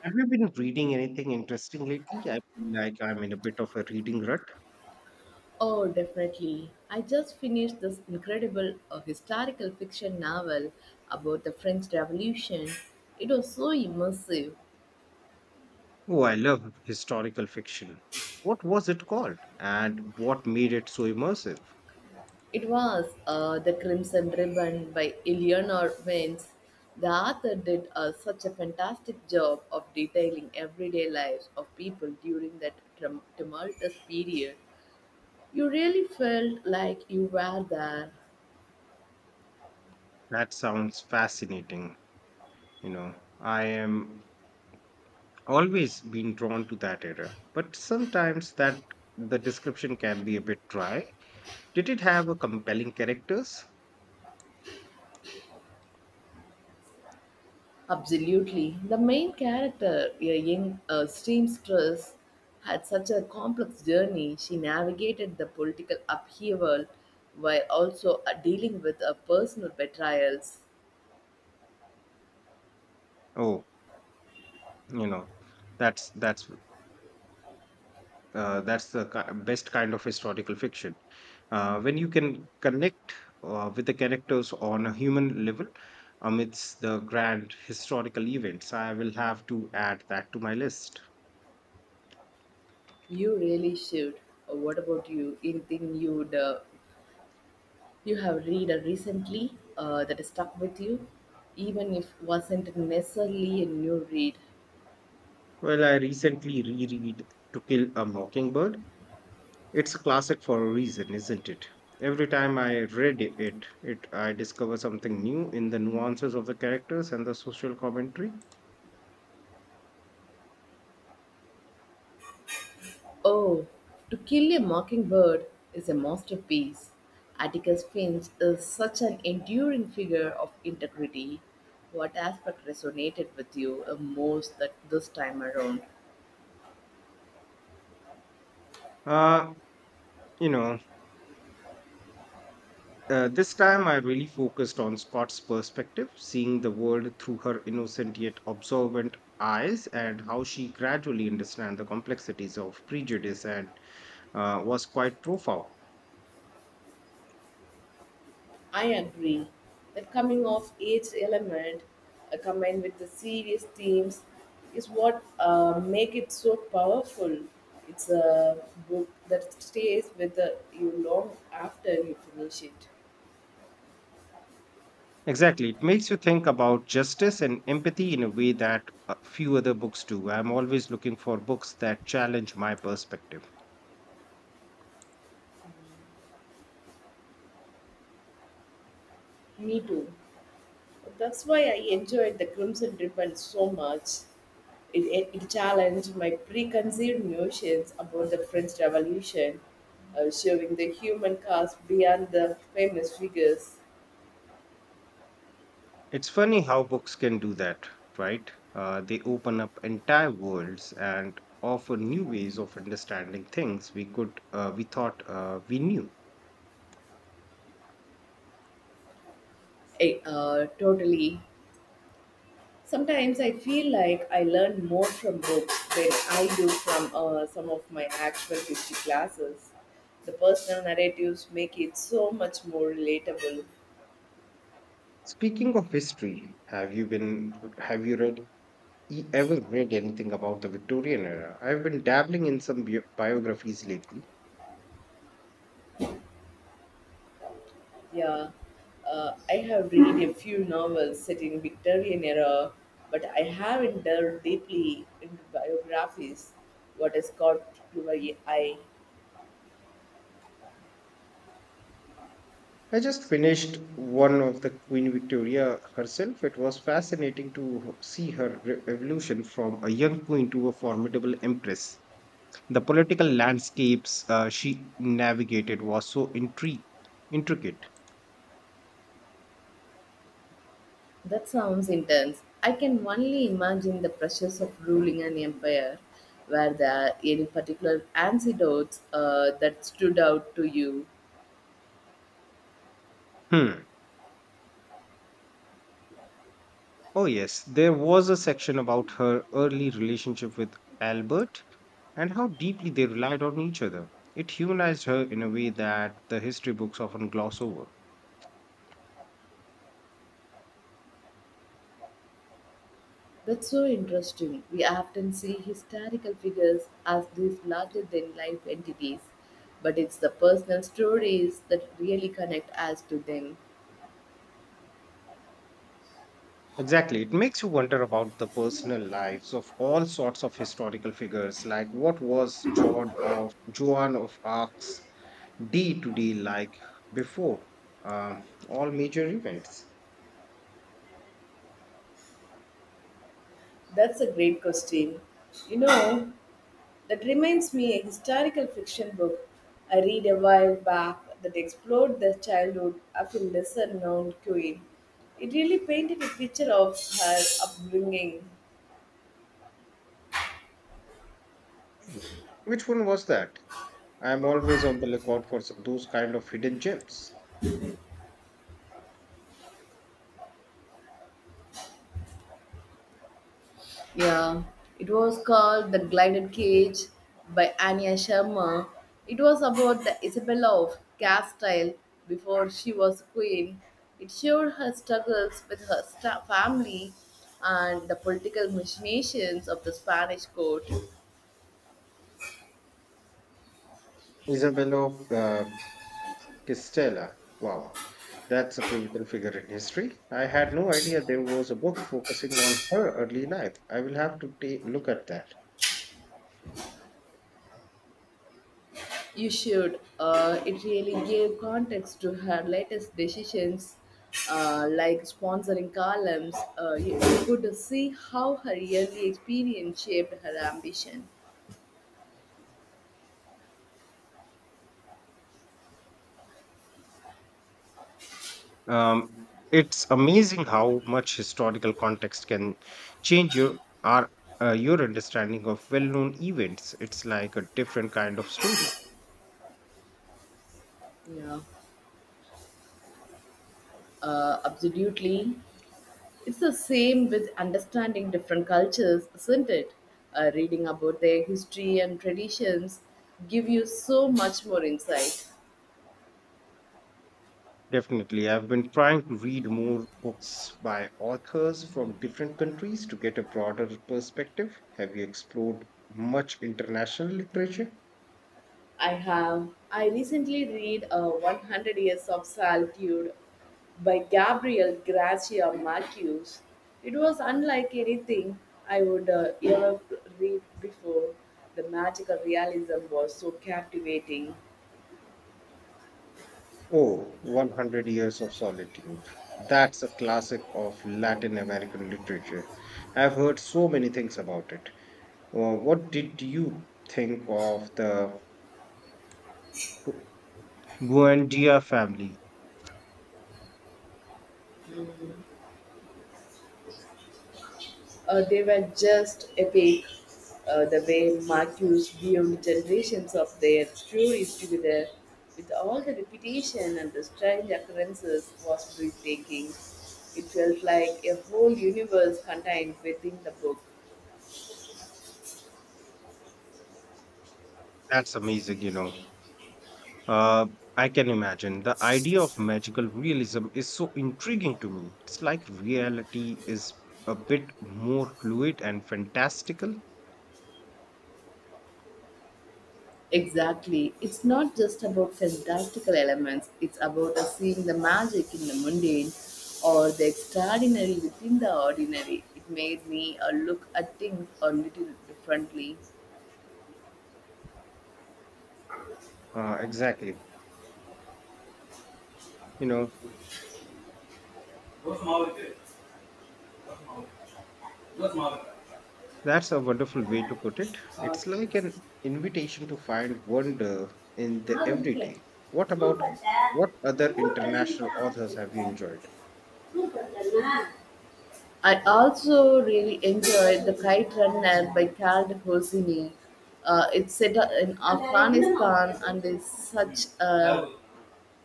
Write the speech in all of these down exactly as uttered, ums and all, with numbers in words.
Have you been reading anything interesting lately? I feel like I'm in a bit of a reading rut. Oh, definitely. I just finished this incredible uh, historical fiction novel about the French Revolution. It was so immersive. Oh, I love historical fiction. What was it called? And what made it so immersive? It was uh, The Crimson Ribbon by Eleanor Vance. The author did uh, such a fantastic job of detailing everyday lives of people during that tum- tumultuous period. You really felt like you were there. That sounds fascinating. You know, I am always been drawn to that era, but sometimes that the description can be a bit dry. Did it have a compelling characters? Absolutely. The main character, a young uh, seamstress, had such a complex journey. She navigated the political upheaval while also uh, dealing with her personal betrayals. Oh, you know, that's that's Uh, that's the ki- best kind of historical fiction. Uh, when you can connect uh, with the characters on a human level amidst the grand historical events, I will have to add that to my list. You really should. Uh, What about you? Anything you would uh, you have read uh, recently uh, that stuck with you, even if wasn't necessarily a new read? Well, I recently reread To Kill a Mockingbird. It's a classic for a reason, isn't it? Every time I read it, it, it I discover something new in the nuances of the characters and the social commentary. Oh, To Kill a Mockingbird is a masterpiece. Atticus Finch is such an enduring figure of integrity. What aspect resonated with you the most that this time around? Uh, you know Uh, this time, I really focused on Scott's perspective, seeing the world through her innocent yet observant eyes, and how she gradually understands the complexities of prejudice, and uh, was quite profound. I agree. The coming of age element uh, combined with the serious themes is what uh, make it so powerful. It's a book that stays with uh, you long after you finish it. Exactly. It makes you think about justice and empathy in a way that uh, few other books do. I'm always looking for books that challenge my perspective. Me too. That's why I enjoyed the Crimson Ribbon so much. It, it, it challenged my preconceived notions about the French Revolution, uh, showing the human cast beyond the famous figures. It's funny how books can do that, right? Uh, they open up entire worlds and offer new ways of understanding things we could uh, we thought uh, we knew. I, uh, totally. Sometimes I feel like I learn more from books than I do from uh, some of my actual history classes. The personal narratives make it so much more relatable. Speaking of history, have you been have you read e- ever read anything about the Victorian era? I've been dabbling in some bio- biographies lately. Yeah, uh, I have read a few novels set in Victorian era, but I haven't delved deeply into biographies. What has caught your eye? I just finished one of the Queen Victoria herself. It was fascinating to see her re- evolution from a young queen to a formidable empress. The political landscapes uh, she navigated was so intri- intricate. That sounds intense. I can only imagine the pressures of ruling an empire. Were there any particular anecdotes uh, that stood out to you? Hmm. Oh, yes, there was a section about her early relationship with Albert and how deeply they relied on each other. It humanized her in a way that the history books often gloss over. That's so interesting. We often see historical figures as these larger than life entities, but it's the personal stories that really connect us to them. Exactly. It makes you wonder about the personal lives of all sorts of historical figures, like what was John of Joan of Arc's day to day like before um, all major events. That's a great question. You know, that reminds me a historical fiction book I read a while back that explored the childhood of a lesser known queen. It really painted a picture of her upbringing. Mhm. Which one was that? I'm always on the lookout for s- those kind of hidden gems. Yeah, it was called The Glided Cage by Anya Sharma. It was about the Isabella of Castile before she was queen. It showed her struggles with her sta- family and the political machinations of the Spanish court. Isabella of uh, Castella. Wow, that's a pivotal figure in history. I had no idea there was a book focusing on her early life. I will have to take look at that. You should. Uh, it really gave context to her latest decisions, uh, like sponsoring columns. Uh, you you could see how her early experience shaped her ambition. Um, it's amazing how much historical context can change your our, uh, your understanding of well-known events. It's like a different kind of story. Yeah, uh, absolutely. It's the same with understanding different cultures, isn't it? Uh, reading about their history and traditions give you so much more insight. Definitely. I've been trying to read more books by authors from different countries to get a broader perspective. Have you explored much international literature? I have. I recently read uh, one hundred Years of Solitude by Gabriel Garcia Marquez. It was unlike anything I would uh, ever read before. The magical realism was so captivating. Oh, one hundred Years of Solitude. That's a classic of Latin American literature. I've heard so many things about it. Uh, what did you think of the Buendia family? Uh, they were just epic. Uh, the way Mark used beyond generations of their stories together, with all the repetition and the strange occurrences, was breathtaking. It felt like a whole universe contained within the book. That's amazing, you know. Uh, I can imagine. The idea of magical realism is so intriguing to me. It's like reality is a bit more fluid and fantastical. Exactly. It's not just about fantastical elements, it's about us seeing the magic in the mundane or the extraordinary within the ordinary. It made me uh, look at things a little differently. Uh, exactly. You know, that's a wonderful way to put it. It's like an invitation to find wonder in the நான் இருக்கேன். everyday. What சூடு about பட்டேன். what other சூடு பண்ணேன்னு international தான் authors have you enjoyed? I also really enjoyed the kite runner by Khaled Hosseini. Uh, it's set up in Afghanistan and is such a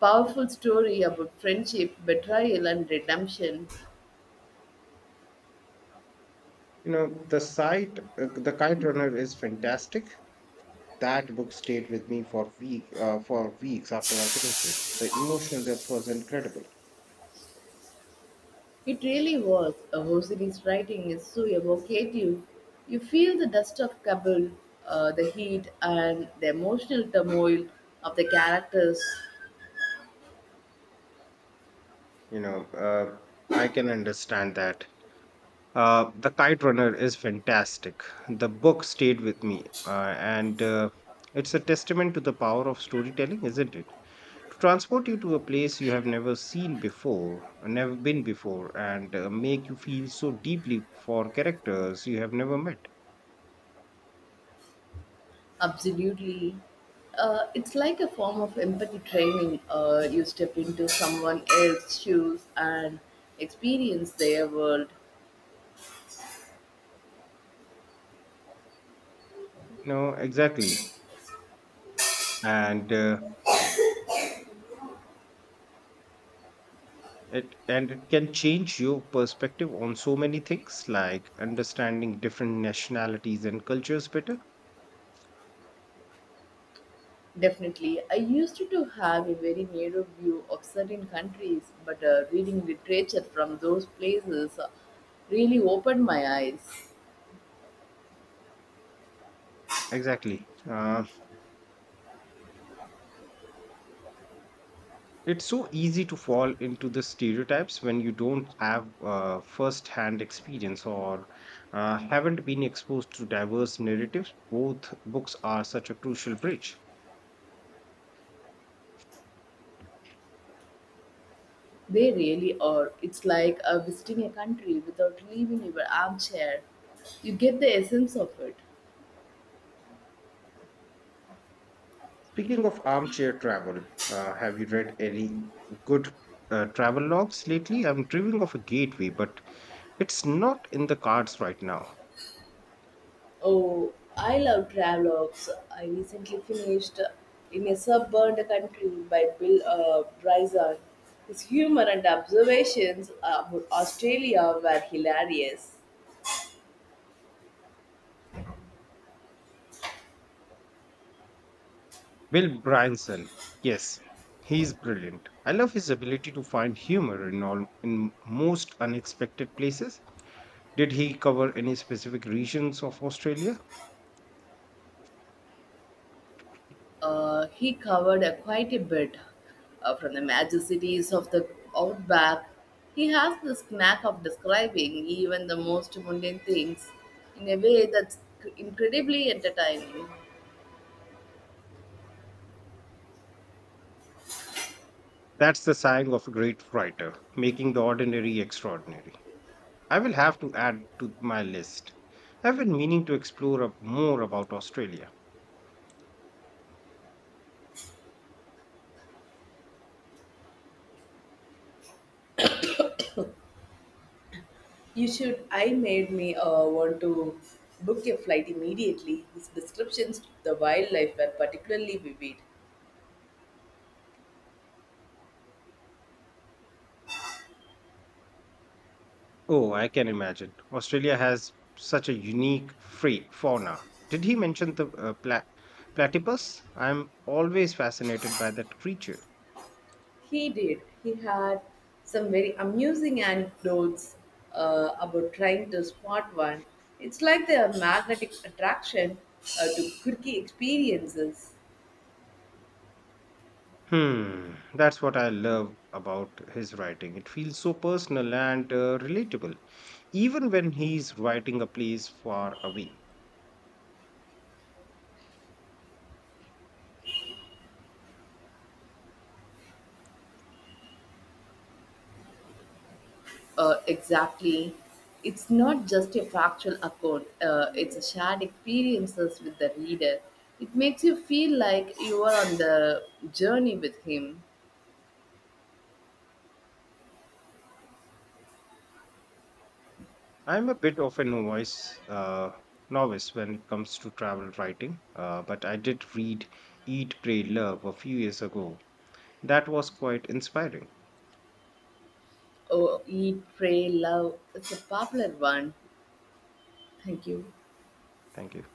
powerful story about friendship, betrayal, and redemption. You know, the site, uh, The Kite Runner is fantastic. That book stayed with me for week uh, for weeks after I finished it. The emotional depth was incredible. It really was. Hosiri's writing is so evocative. You feel the dust of Kabul, uh, the heat, and the emotional turmoil of the characters. You know, uh, I can understand that. Uh, The Kite Runner is fantastic. The book stayed with me, uh, and uh, it's a testament to the power of storytelling, isn't it? To transport you to a place you have never seen before, never been before, and uh, make you feel so deeply for characters you have never met. Absolutely. Uh, it's like a form of empathy training. Uh, you step into someone else's shoes and experience their world. No, exactly. And uh, It and it can change your perspective on so many things, like understanding different nationalities and cultures better. Definitely. I used to have a very narrow view of certain countries, but uh, reading literature from those places uh, really opened my eyes. Exactly. Uh, It's so easy to fall into the stereotypes when you don't have uh, first hand experience or uh, haven't been exposed to diverse narratives. Both books are such a crucial bridge. They really are. It's like uh, visiting a country without leaving your armchair. You get the essence of it. Speaking of armchair travel, uh, have you read any good uh, travel logs lately? I'm dreaming of a gateway, but it's not in the cards right now. Oh, I love travelogues. I recently finished In a Subburned Country by Bill uh, Bryson. His humor and observations about Australia were hilarious. Bill Bryanson, yes, he's brilliant. I love his ability to find humor in all in most unexpected places. Did he cover any specific regions of Australia? Uh, he covered uh, quite a bit uh, from the major cities of the outback. He has this knack of describing even the most mundane things in a way that's incredibly entertaining. That's the sign of a great writer, making the ordinary extraordinary. I will have to add to my list. I've been meaning to explore up more about Australia. You should. I made me uh, want to book a flight immediately. His descriptions of the wildlife were particularly vivid. Oh, I can imagine. Australia has such a unique free fauna. Did he mention the uh, pla- platypus? I'm always fascinated by that creature. He did. He had some very amusing anecdotes uh, about trying to spot one. It's like the magnetic attraction uh, to quirky experiences. Hmm, that's what I love about his writing. It feels so personal and uh, relatable, even when he's writing a place far away. Uh, exactly. It's not just a factual account, uh, it's a shared experiences with the reader. It makes you feel like you are on the journey with him. I'm a bit of a novice, uh, novice when it comes to travel writing, uh, but I did read Eat, Pray, Love a few years ago. That was quite inspiring. Oh, eat, pray, love. It's a popular one. Thank you. Thank you.